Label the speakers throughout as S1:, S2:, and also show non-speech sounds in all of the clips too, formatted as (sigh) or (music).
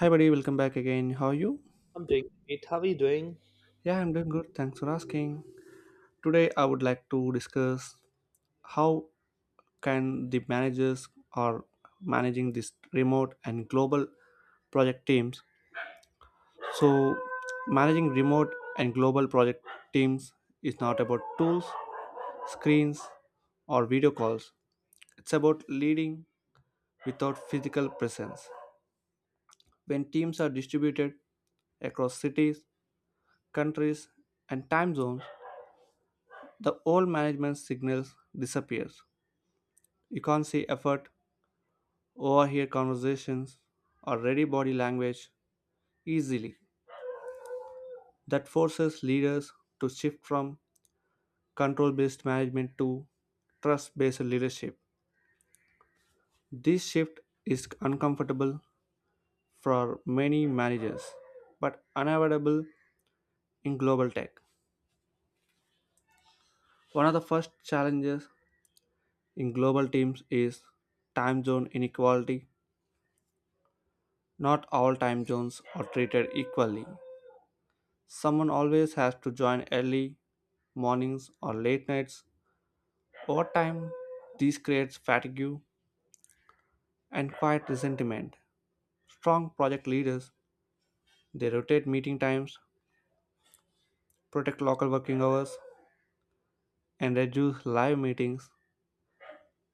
S1: Hi, buddy, welcome back again. How are you?
S2: I'm doing great. How are you doing?
S1: Yeah, I'm doing good. Thanks for asking. Today, I would like to discuss how can the managers are managing this remote and global project teams. So, managing remote and global project teams is not about tools, screens, or video calls. It's about leading without physical presence. When teams are distributed across cities, countries, and time zones, the old management signals disappears. You can't see effort, overhear conversations, or ready body language easily. That forces leaders to shift from control-based management to trust-based leadership. This shift is uncomfortable for many managers, but unavoidable in global tech. One of the first challenges in global teams is time zone inequality. Not all time zones are treated equally. Someone always has to join early mornings or late nights. Over time, this creates fatigue and quiet resentment. Strong project leaders, they rotate meeting times, protect local working hours, and reduce live meetings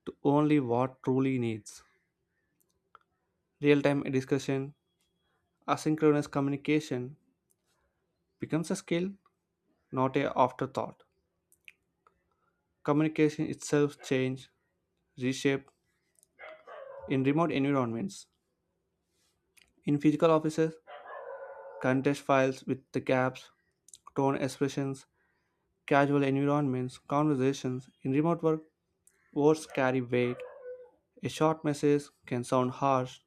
S1: to only what truly needs. Real-time discussion, asynchronous communication becomes a skill, not a afterthought. Communication itself change, reshape in remote environments. In physical offices, contest files with the gaps, tone expressions, casual environments, conversations. In remote work, words carry weight. A short message can sound harsh,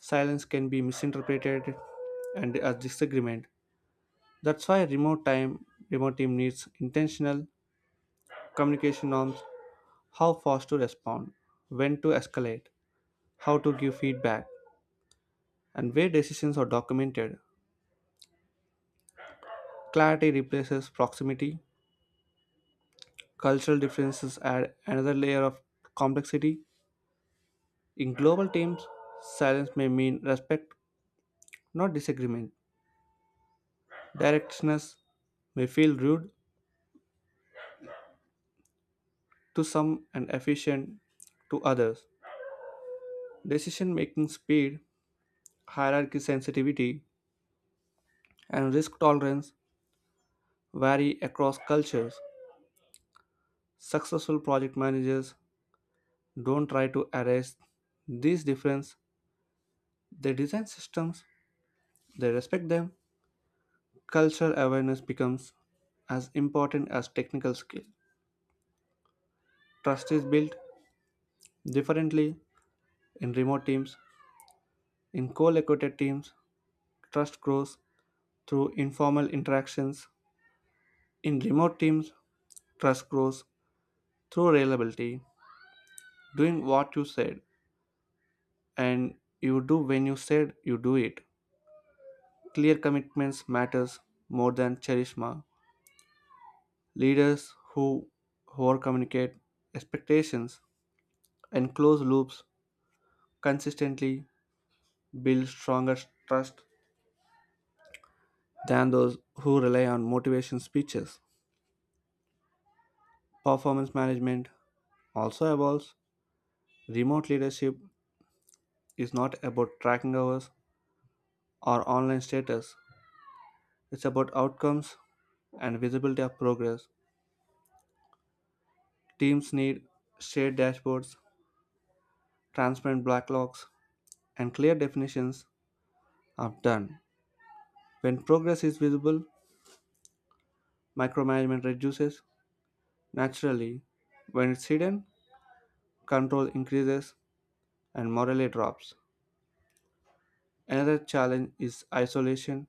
S1: silence can be misinterpreted, and as disagreement. That's why remote team needs intentional communication norms, how fast to respond, when to escalate, how to give feedback, and where decisions are documented. Clarity replaces proximity. Cultural differences add another layer of complexity. In global teams, silence may mean respect, not disagreement. Directness may feel rude to some and efficient to others. Decision making speed, hierarchy sensitivity, and risk tolerance vary across cultures. Successful project managers don't try to erase these differences, they design systems, they respect them. Cultural awareness becomes as important as technical skill. Trust is built differently in remote teams. In co located teams, trust grows through informal interactions. In remote teams, trust grows through reliability, doing what you said and you do when you said you do it. Clear commitments matters more than charisma. Leaders who over communicate expectations and close loops consistently build stronger trust than those who rely on motivation speeches. Performance management also evolves. Remote leadership is not about tracking hours or online status, it's about outcomes and visibility of progress. Teams need shared dashboards, transparent backlogs, and clear definitions of done. When progress is visible, micromanagement reduces naturally. When it's hidden, control increases and morale drops. Another challenge is isolation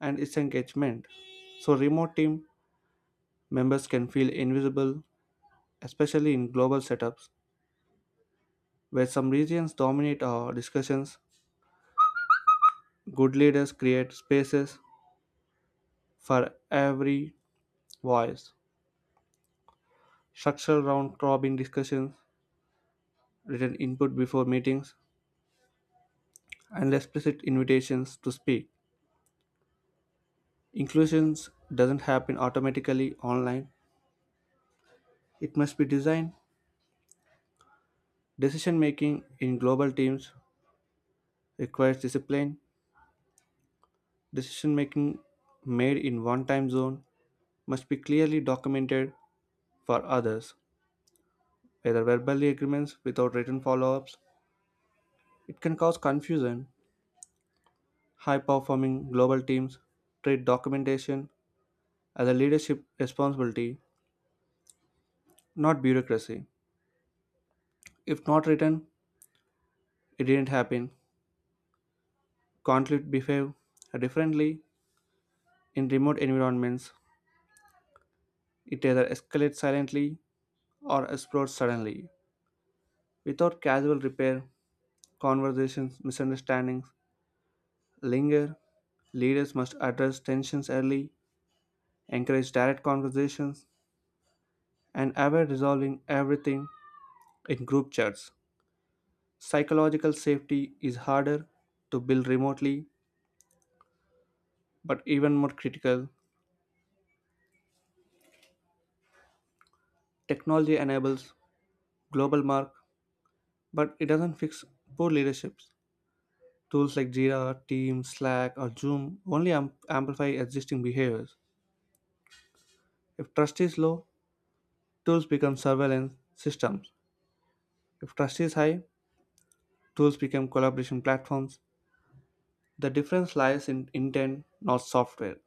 S1: and disengagement. So, remote team members can feel invisible, especially in global setups where some regions dominate our discussions. Good leaders create spaces for every voice, structural round robin discussions, written input before meetings, and explicit invitations to speak. Inclusion doesn't happen automatically online, it must be designed. Decision making in global teams requires discipline. Decision making made in one time zone must be clearly documented for others, whether verbally agreements without written follow ups. It can cause confusion. High performing global teams treat documentation as a leadership responsibility, not bureaucracy. If not written, it didn't happen. Conflict behave differently in remote environments. It either escalates silently or explodes suddenly. Without casual repair, conversations, misunderstandings, linger, leaders must address tensions early, encourage direct conversations, and avoid resolving everything in group chats. Psychological safety is harder to build remotely, but even more critical, technology enables global mark, but it doesn't fix poor leaderships. Tools like Jira, Teams, Slack, or Zoom only amplify existing behaviors. If trust is low, tools become surveillance systems. If trust is high, tools become collaboration platforms. The difference lies in intent, not software.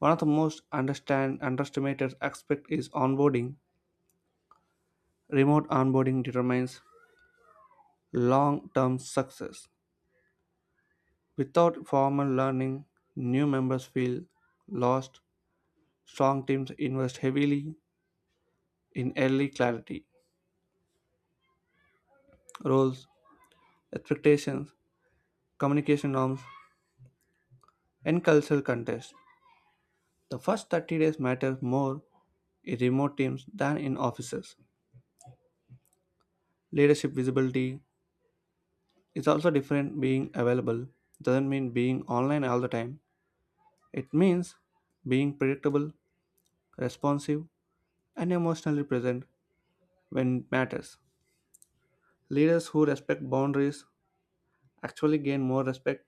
S1: One of the most underestimated aspect is onboarding. Remote onboarding determines long-term success. Without formal learning, new members feel lost. Strong teams invest heavily in early clarity, roles, expectations, communication norms, and cultural context. The first 30 days matter more in remote teams than in offices. Leadership visibility, it's also different being available. Doesn't mean being online all the time. It means being predictable, responsive, and emotionally present when it matters. Leaders who respect boundaries actually gain more respect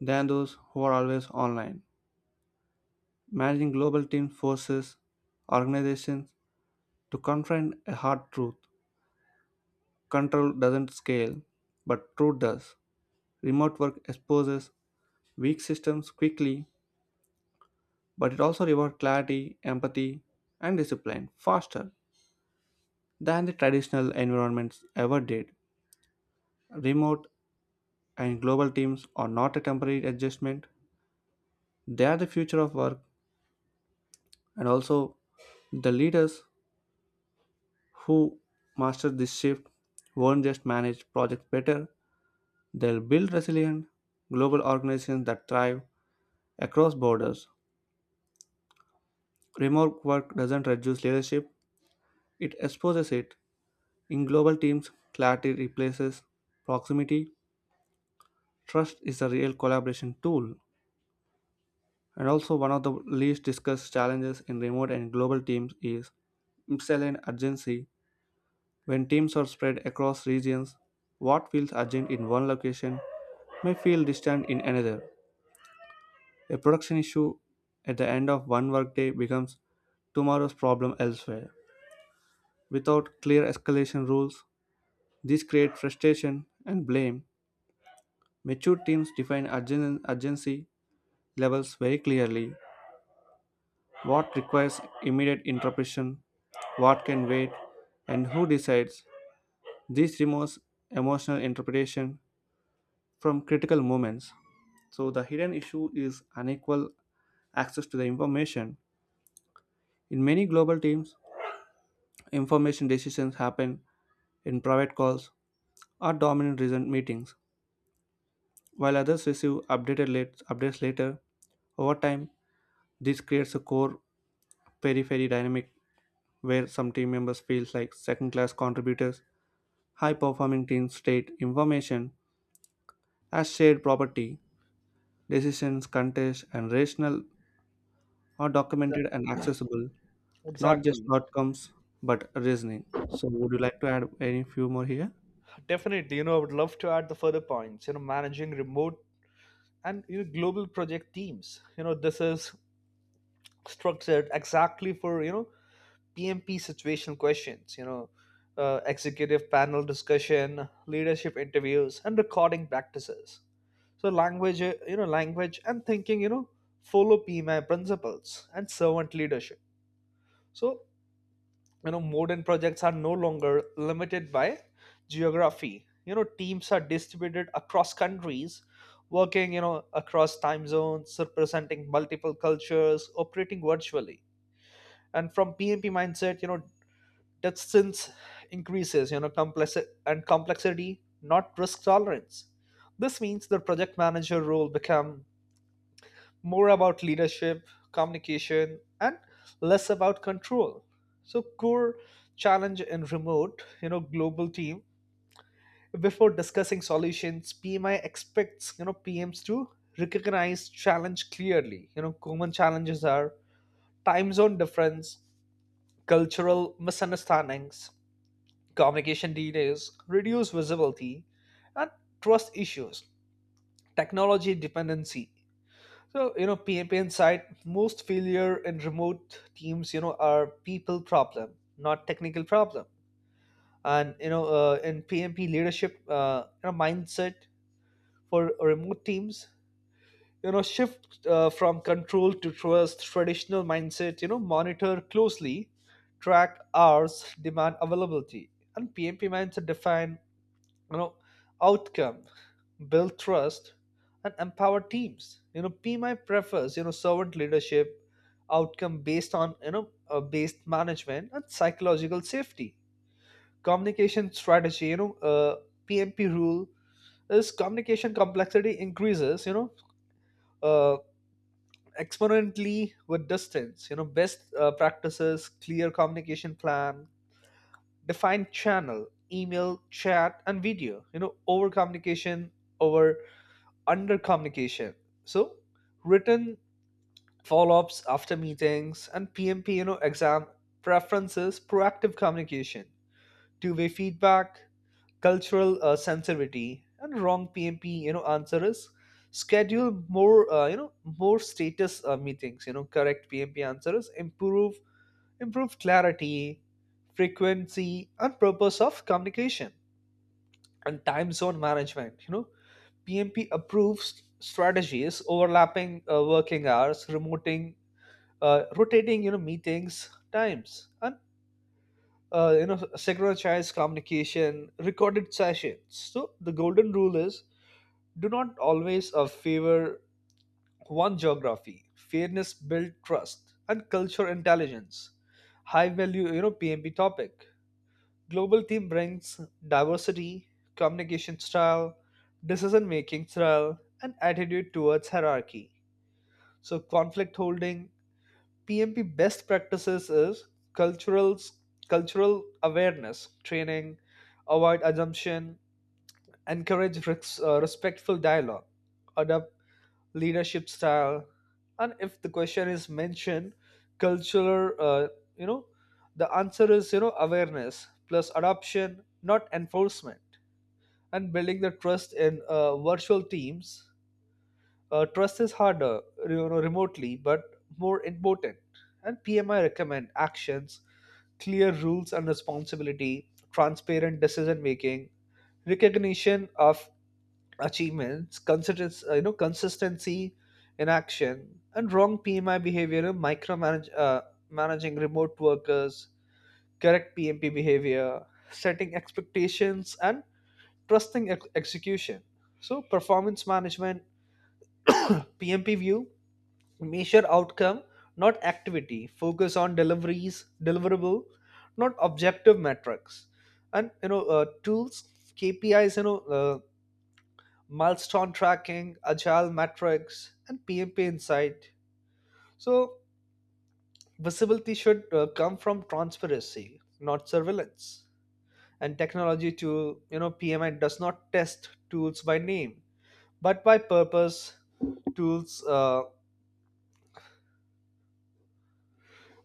S1: than those who are always online. Managing global team forces organizations to confront a hard truth. Control doesn't scale, but truth does. Remote work exposes weak systems quickly but it also rewards clarity, empathy, and discipline faster than the traditional environments ever did. Remote and global teams are not a temporary adjustment, they are the future of work, and also the leaders who master this shift won't just manage projects better, they'll build resilient global organizations that thrive across borders. Remote work doesn't reduce leadership, it exposes it. In global teams, clarity replaces proximity. Trust is a real collaboration tool. And also, one of the least discussed challenges in remote and global teams is misaligned urgency. When teams are spread across regions, what feels urgent in one location may feel distant in another. A production issue at the end of one workday becomes tomorrow's problem elsewhere. Without clear escalation rules, this creates frustration and blame. Mature teams define urgency levels very clearly, what requires immediate interpretation, what can wait, and who decides. This removes emotional interpretation from critical moments. So, the hidden issue is unequal access to the information. In many global teams, information decisions happen in private calls or dominant reason meetings, while others updates later. Over time, this creates a core periphery dynamic where some team members feel like second class contributors. High performing teams state information as shared property, decisions, contests, and rational are
S2: Exa-
S1: documented and accessible, not just
S2: Exactly.
S1: outcomes but reasoning. So, would you like to add any few more here?
S2: Definitely. I would love to add the further points. Managing remote and global project teams. This is structured exactly for PMP situational questions. Executive panel discussion, leadership interviews, and recording practices. So language and thinking. Follow PMI principles and servant leadership. So modern projects are no longer limited by geography. Teams are distributed across countries, working across time zones, representing multiple cultures, operating virtually, and from pmp mindset, distance increases complexity, not risk tolerance. This means the project manager role become more about leadership, communication, and less about control. So, core challenge in remote, global team. Before discussing solutions, PMI expects PMs to recognize challenge clearly. Common challenges are time zone difference, cultural misunderstandings, communication delays, reduced visibility, and trust issues, technology dependency. So, PAPN side, most failure in remote teams, are people problem, not technical problem. And, in PMP leadership, mindset for remote teams, shift from control to trust. Traditional mindset, monitor closely, track hours, demand availability. And PMP mindset define you know outcome, build trust and empower teams. PMI prefers servant leadership, outcome based on you know based management and psychological safety. Communication strategy, PMP rule is communication complexity increases uh, exponentially with distance. Best practices: clear communication plan, defined channel, email, chat and video, over communication over under communication. So written follow-ups after meetings, and PMP, exam preferences: proactive communication, two-way feedback, cultural sensitivity. And wrong PMP, answer is schedule more status meetings. Correct PMP answer is improve clarity, frequency, and purpose of communication, and time zone management. PMP approves strategies: overlapping working hours, rotating, meetings times, and synchronized communication, recorded sessions. So the golden rule is: do not always favor one geography. Fairness build trust and culture intelligence. High value, PMP topic. Global team brings diversity, communication style, decision making style, and attitude towards hierarchy. So, conflict holding, PMP best practices is cultural awareness training, avoid assumption, encourage respectful dialogue, adopt leadership style. And if the question is mentioned cultural, you know the answer is awareness plus adoption, not enforcement. And building the trust in virtual teams, trust is harder remotely, but more important. And PMI recommend actions: clear rules and responsibility, transparent decision making, recognition of achievements, consistency in action. And wrong PMI behavior, in micromanage, managing remote workers. Correct PMP behavior: setting expectations, and trusting execution. So, performance management, PMP view: measure outcome, not activity. Focus on deliverable, not objective metrics. And tools, KPIs. Milestone tracking, agile metrics, and PMP insight. So, visibility should come from transparency, not surveillance. And technology to, PMI does not test tools by name, but by purpose. tools, uh,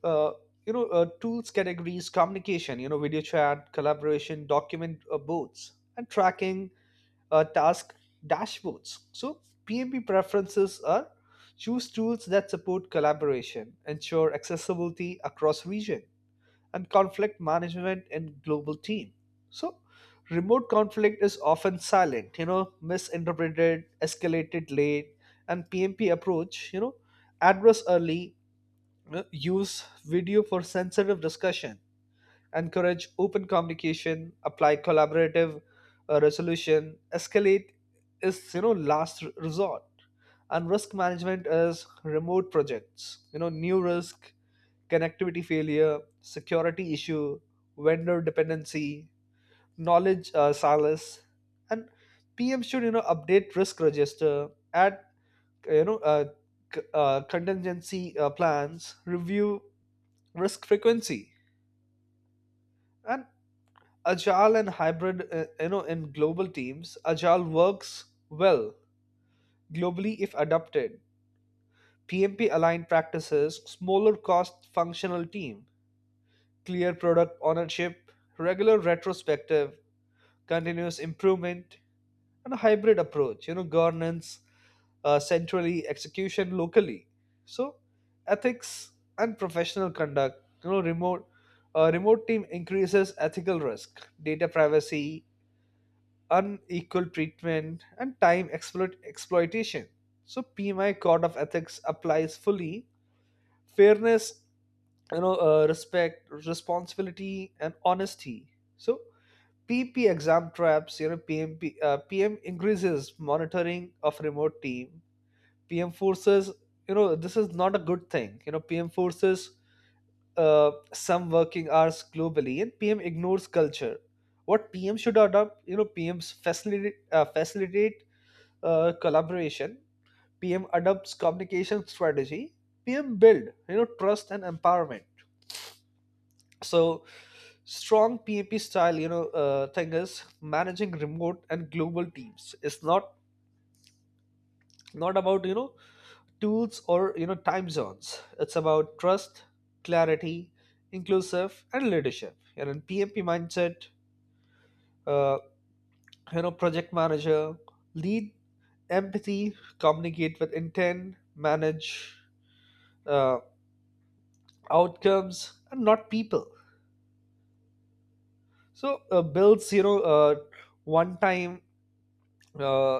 S2: uh, Tools categories: communication, video chat, collaboration, document boards, and tracking task dashboards. So PMP preferences are choose tools that support collaboration, ensure accessibility across region, and conflict management in global team. So remote conflict is often silent, misinterpreted, escalated late. And PMP approach, address early, use video for sensitive discussion, encourage open communication, apply collaborative resolution, escalate is last resort. And risk management is remote projects. New risk: connectivity failure, security issue, vendor dependency, knowledge solace. And PM should update risk register, add uh, you know uh, contingency plans, review risk frequency. And agile and hybrid, in global teams agile works well globally if adopted. PMP aligned practices: smaller cost functional team, clear product ownership, regular retrospective, continuous improvement. And a hybrid approach: governance centrally, execution locally. So, ethics and professional conduct. Remote team increases ethical risk: data privacy, unequal treatment, and time exploitation. So PMI Code of Ethics applies fully: fairness, respect, responsibility, and honesty. So PP exam traps: PMP, PM increases monitoring of remote team. PM forces, this is not a good thing. PM forces some working hours globally, and PM ignores culture. What PM should adopt: PMs facilitate collaboration. PM adopts communication strategy. PM build trust and empowerment. So, strong pap style, thing is managing remote and global teams. It's not about tools or time zones. It's about trust, clarity, inclusive, and leadership. And in pmp mindset, uh, project manager lead empathy, communicate with intent, manage uh, outcomes and not people. So builds, one time. uh,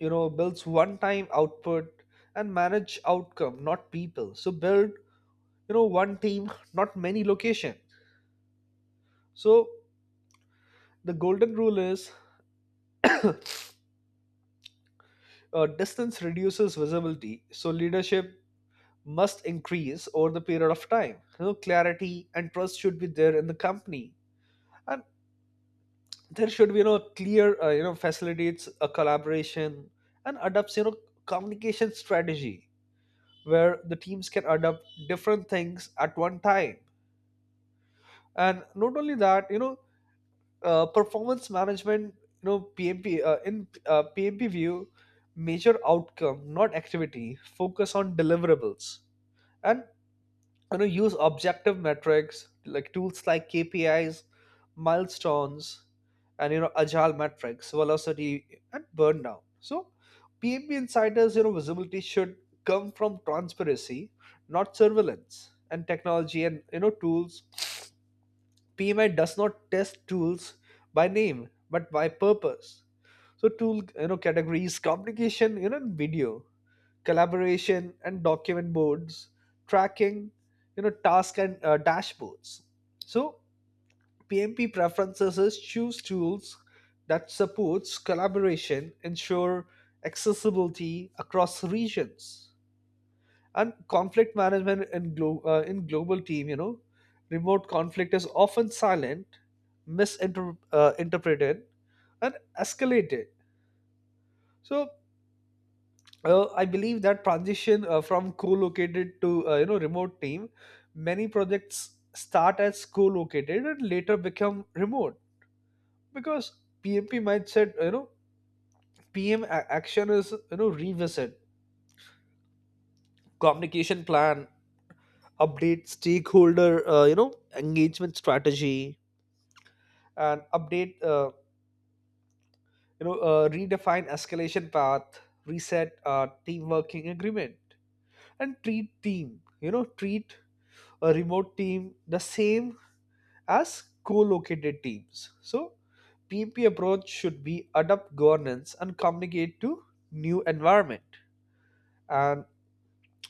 S2: Builds one time output and manage outcome, not people. So build one team, not many locations. So, the golden rule is (coughs) uh, distance reduces visibility, so leadership must increase over the period of time. Clarity and trust should be there in the company. And there should be clear, facilitates a collaboration, and adopts communication strategy where the teams can adopt different things at one time. And not only that, performance management, pmp view: measure outcome, not activity. Focus on deliverables, and use objective metrics like tools, like kpis, milestones, and agile metrics velocity and burn down. So PMB insiders, visibility should come from transparency, not surveillance. And technology, and tools, PMI does not test tools by name, but by purpose. So tool categories: communication, and video, collaboration and document boards, tracking, task and dashboards. So PMP preferences is choose tools that supports collaboration, ensure accessibility across regions, and conflict management in global team. Remote conflict is often silent, misinterpreted, interpreted and escalated. So I believe that transition from co-located to remote team. Many projects start as co-located and later become remote, because PMP mindset, PM action is revisit communication plan, update stakeholder, engagement strategy, and update you know redefine escalation path, reset team working agreement, and treat a remote team the same as co-located teams. So PMP approach should be adapt governance and communicate to new environment, and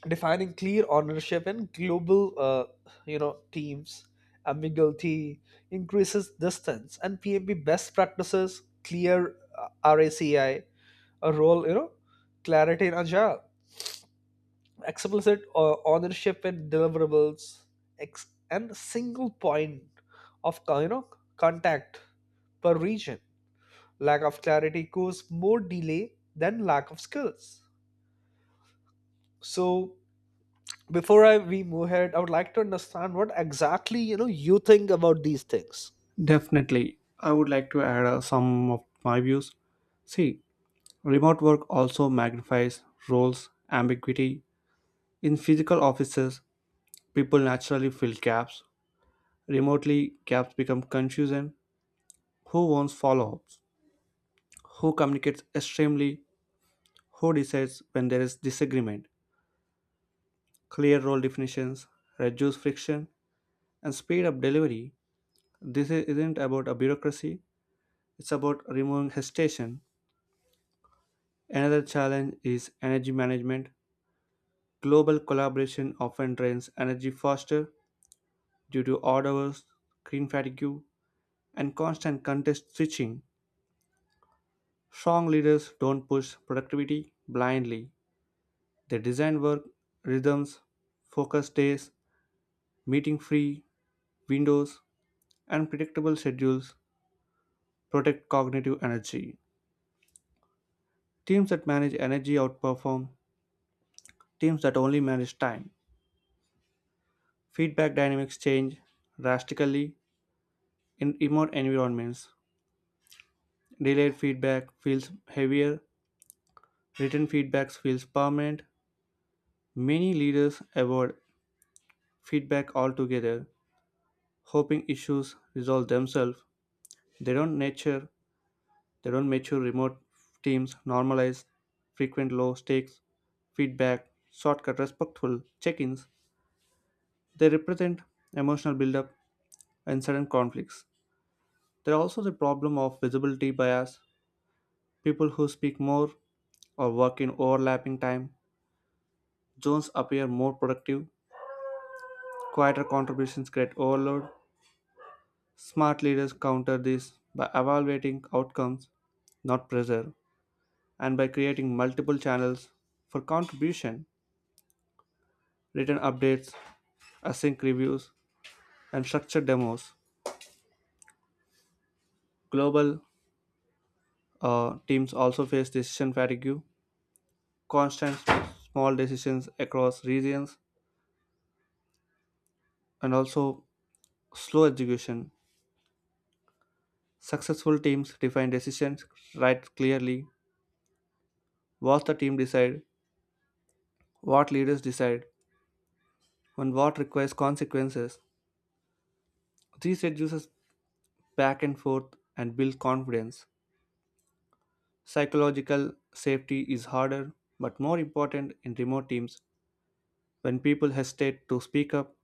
S2: defining clear ownership in global, teams. Ambiguity increases distance. And PMP best practices: clear RACI, a C I, a role clarity in agile, explicit ownership in deliverables, and single point of contact per region. Lack of clarity causes more delay than lack of skills. So before we move ahead, I would like to understand what exactly you think about these things.
S1: Definitely. I would like to add some of my views. See, remote work also magnifies roles ambiguity. In physical offices, people naturally fill gaps. Remotely, gaps become confusion, who wants follow ups, who communicates extremely, who decides when there is disagreement. Clear role definitions reduce friction and speed up delivery. This isn't about a bureaucracy, it's about removing hesitation. Another challenge is energy management. Global collaboration often drains energy faster due to odd hours, screen fatigue, and constant context switching. Strong leaders don't push productivity blindly. They designed work rhythms, focus days, meeting free windows, and predictable schedules protect cognitive energy. Teams that manage energy outperform teams that only manage time. Feedback dynamics change drastically in remote environments. Delayed feedback feels heavier, written feedback feels permanent. Many leaders avoid feedback altogether, hoping issues resolve themselves. They don't nurture They don't mature remote teams, normalize frequent low stakes feedback, shortcut respectful check ins. They represent emotional buildup and sudden conflicts. There are also the problem of visibility bias. People who speak more or work in overlapping time zones appear more productive. Quieter contributions create overload. Smart leaders counter this by evaluating outcomes, not pressure, and by creating multiple channels for contribution, written updates, async reviews, and structured demos. Global teams also face decision fatigue, constant small decisions across regions, and also slow execution. Successful teams define decisions right clearly, what the team decide, what leaders decide, and what requires consequences. This reduces back and forth and builds confidence. Psychological safety is harder but more important in remote teams when people hesitate to speak up.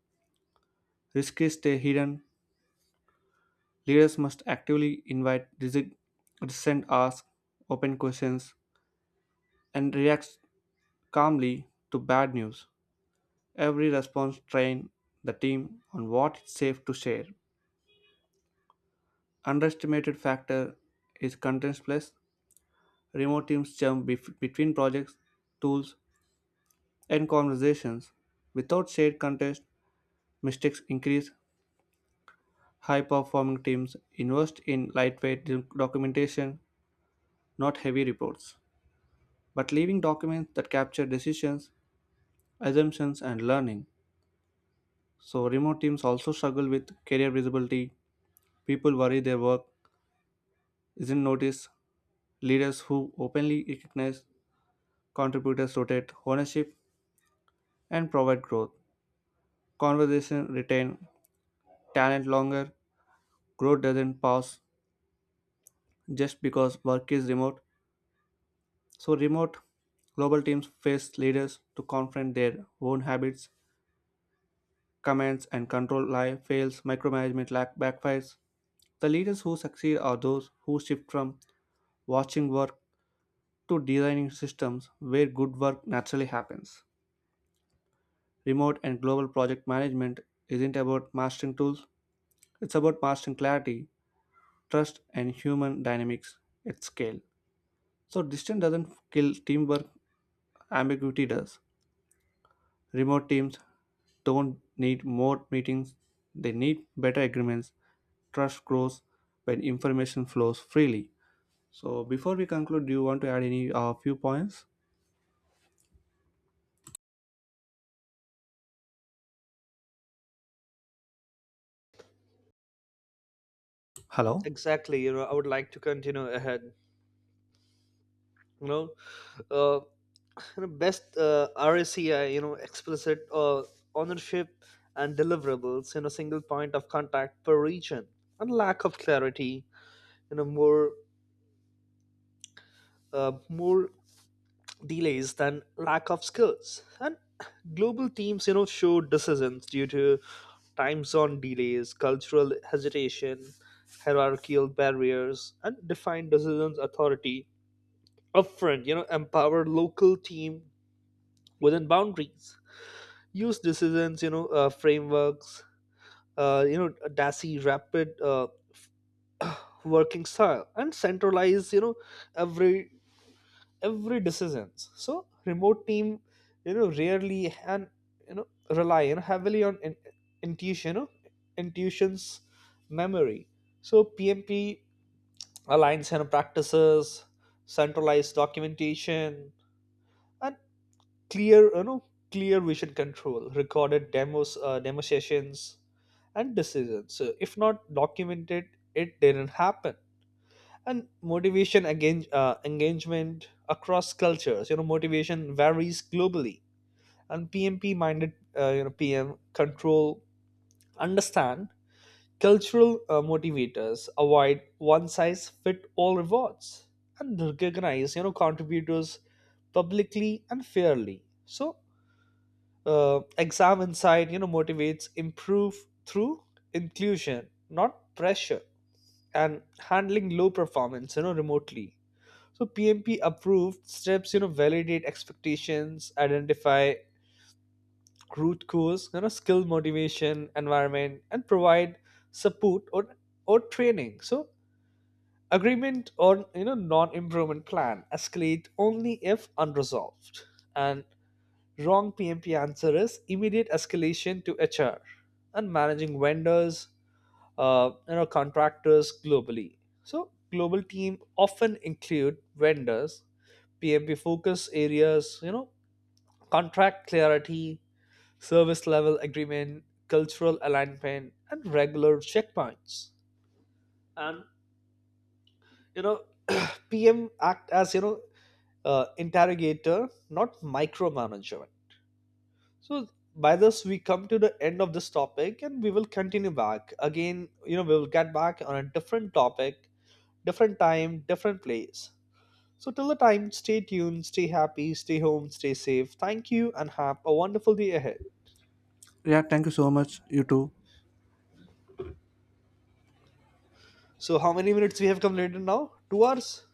S1: Risks stay hidden. Leaders must actively invite dissent, ask open questions, and react calmly to bad news. Every response train the team on what is safe to share. Underestimated factor is content plus. Remote teams jump between projects, tools, and conversations. Without shared context, mistakes increase. High performing teams invest in lightweight documentation, not heavy reports, but leaving documents that capture decisions, assumptions, and learning. So, remote teams also struggle with career visibility. People worry their work isn't noticed. Leaders who openly recognize contributors rotate ownership and provide growth. Conversation retain talent longer. Growth doesn't pause just because work is remote. So, remote global teams face leaders to confront their own habits, commands, and control lie fails. Micromanagement lack backfires. The leaders who succeed are those who shift from watching work to designing systems where good work naturally happens. Remote and global project management isn't about mastering tools, it's about mastering clarity, trust, and human dynamics at scale. So, distance doesn't kill teamwork, ambiguity does. Remote teams don't need more meetings, they need better agreements. Trust grows when information flows freely. So before we conclude, do you want to add any few points? Hello.
S2: Exactly. I would like to continue ahead. you know uh, Kind of best, RSCI, explicit ownership and deliverables in a single point of contact per region. And lack of clarity, you know, more more delays than lack of skills. And global teams, show decisions due to time zone delays, cultural hesitation, hierarchical barriers. And define decisions authority upfront, empower local team within boundaries, use decisions frameworks, dassy rapid working style, and centralize every every decisions. So remote team rarely, and rely heavily on intuition, intuition's memory. So PMP aligns, practices: centralized documentation, and clear you know clear vision control, recorded demo sessions and decisions. So if not documented, it didn't happen. And motivation, again, engagement across cultures. Motivation varies globally. And PMP minded, PM control: understand cultural motivators, avoid one size fit all rewards, and recognize contributors publicly and fairly. So exam inside, motivates improve through inclusion, not pressure. And handling low performance remotely. So PMP approved steps: validate expectations, identify root cause, skill motivation environment, and provide support, or training. So agreement on non improvement plan, escalate only if unresolved. And wrong PMP answer is immediate escalation to HR. And managing vendors, contractors globally. So global team often include vendors. PMP focus areas: contract clarity, service level agreement, cultural alignment, and regular checkpoints. And you know, PM act as interrogator, not micromanager. So by this we come to the end of this topic, and we will continue back. Again, we will get back on a different topic, different time, different place. So till the time, stay tuned, stay happy, stay home, stay safe. Thank you, and have a wonderful day ahead.
S1: Yeah, thank you so much. You too.
S2: So how many minutes we have completed now? 2 hours?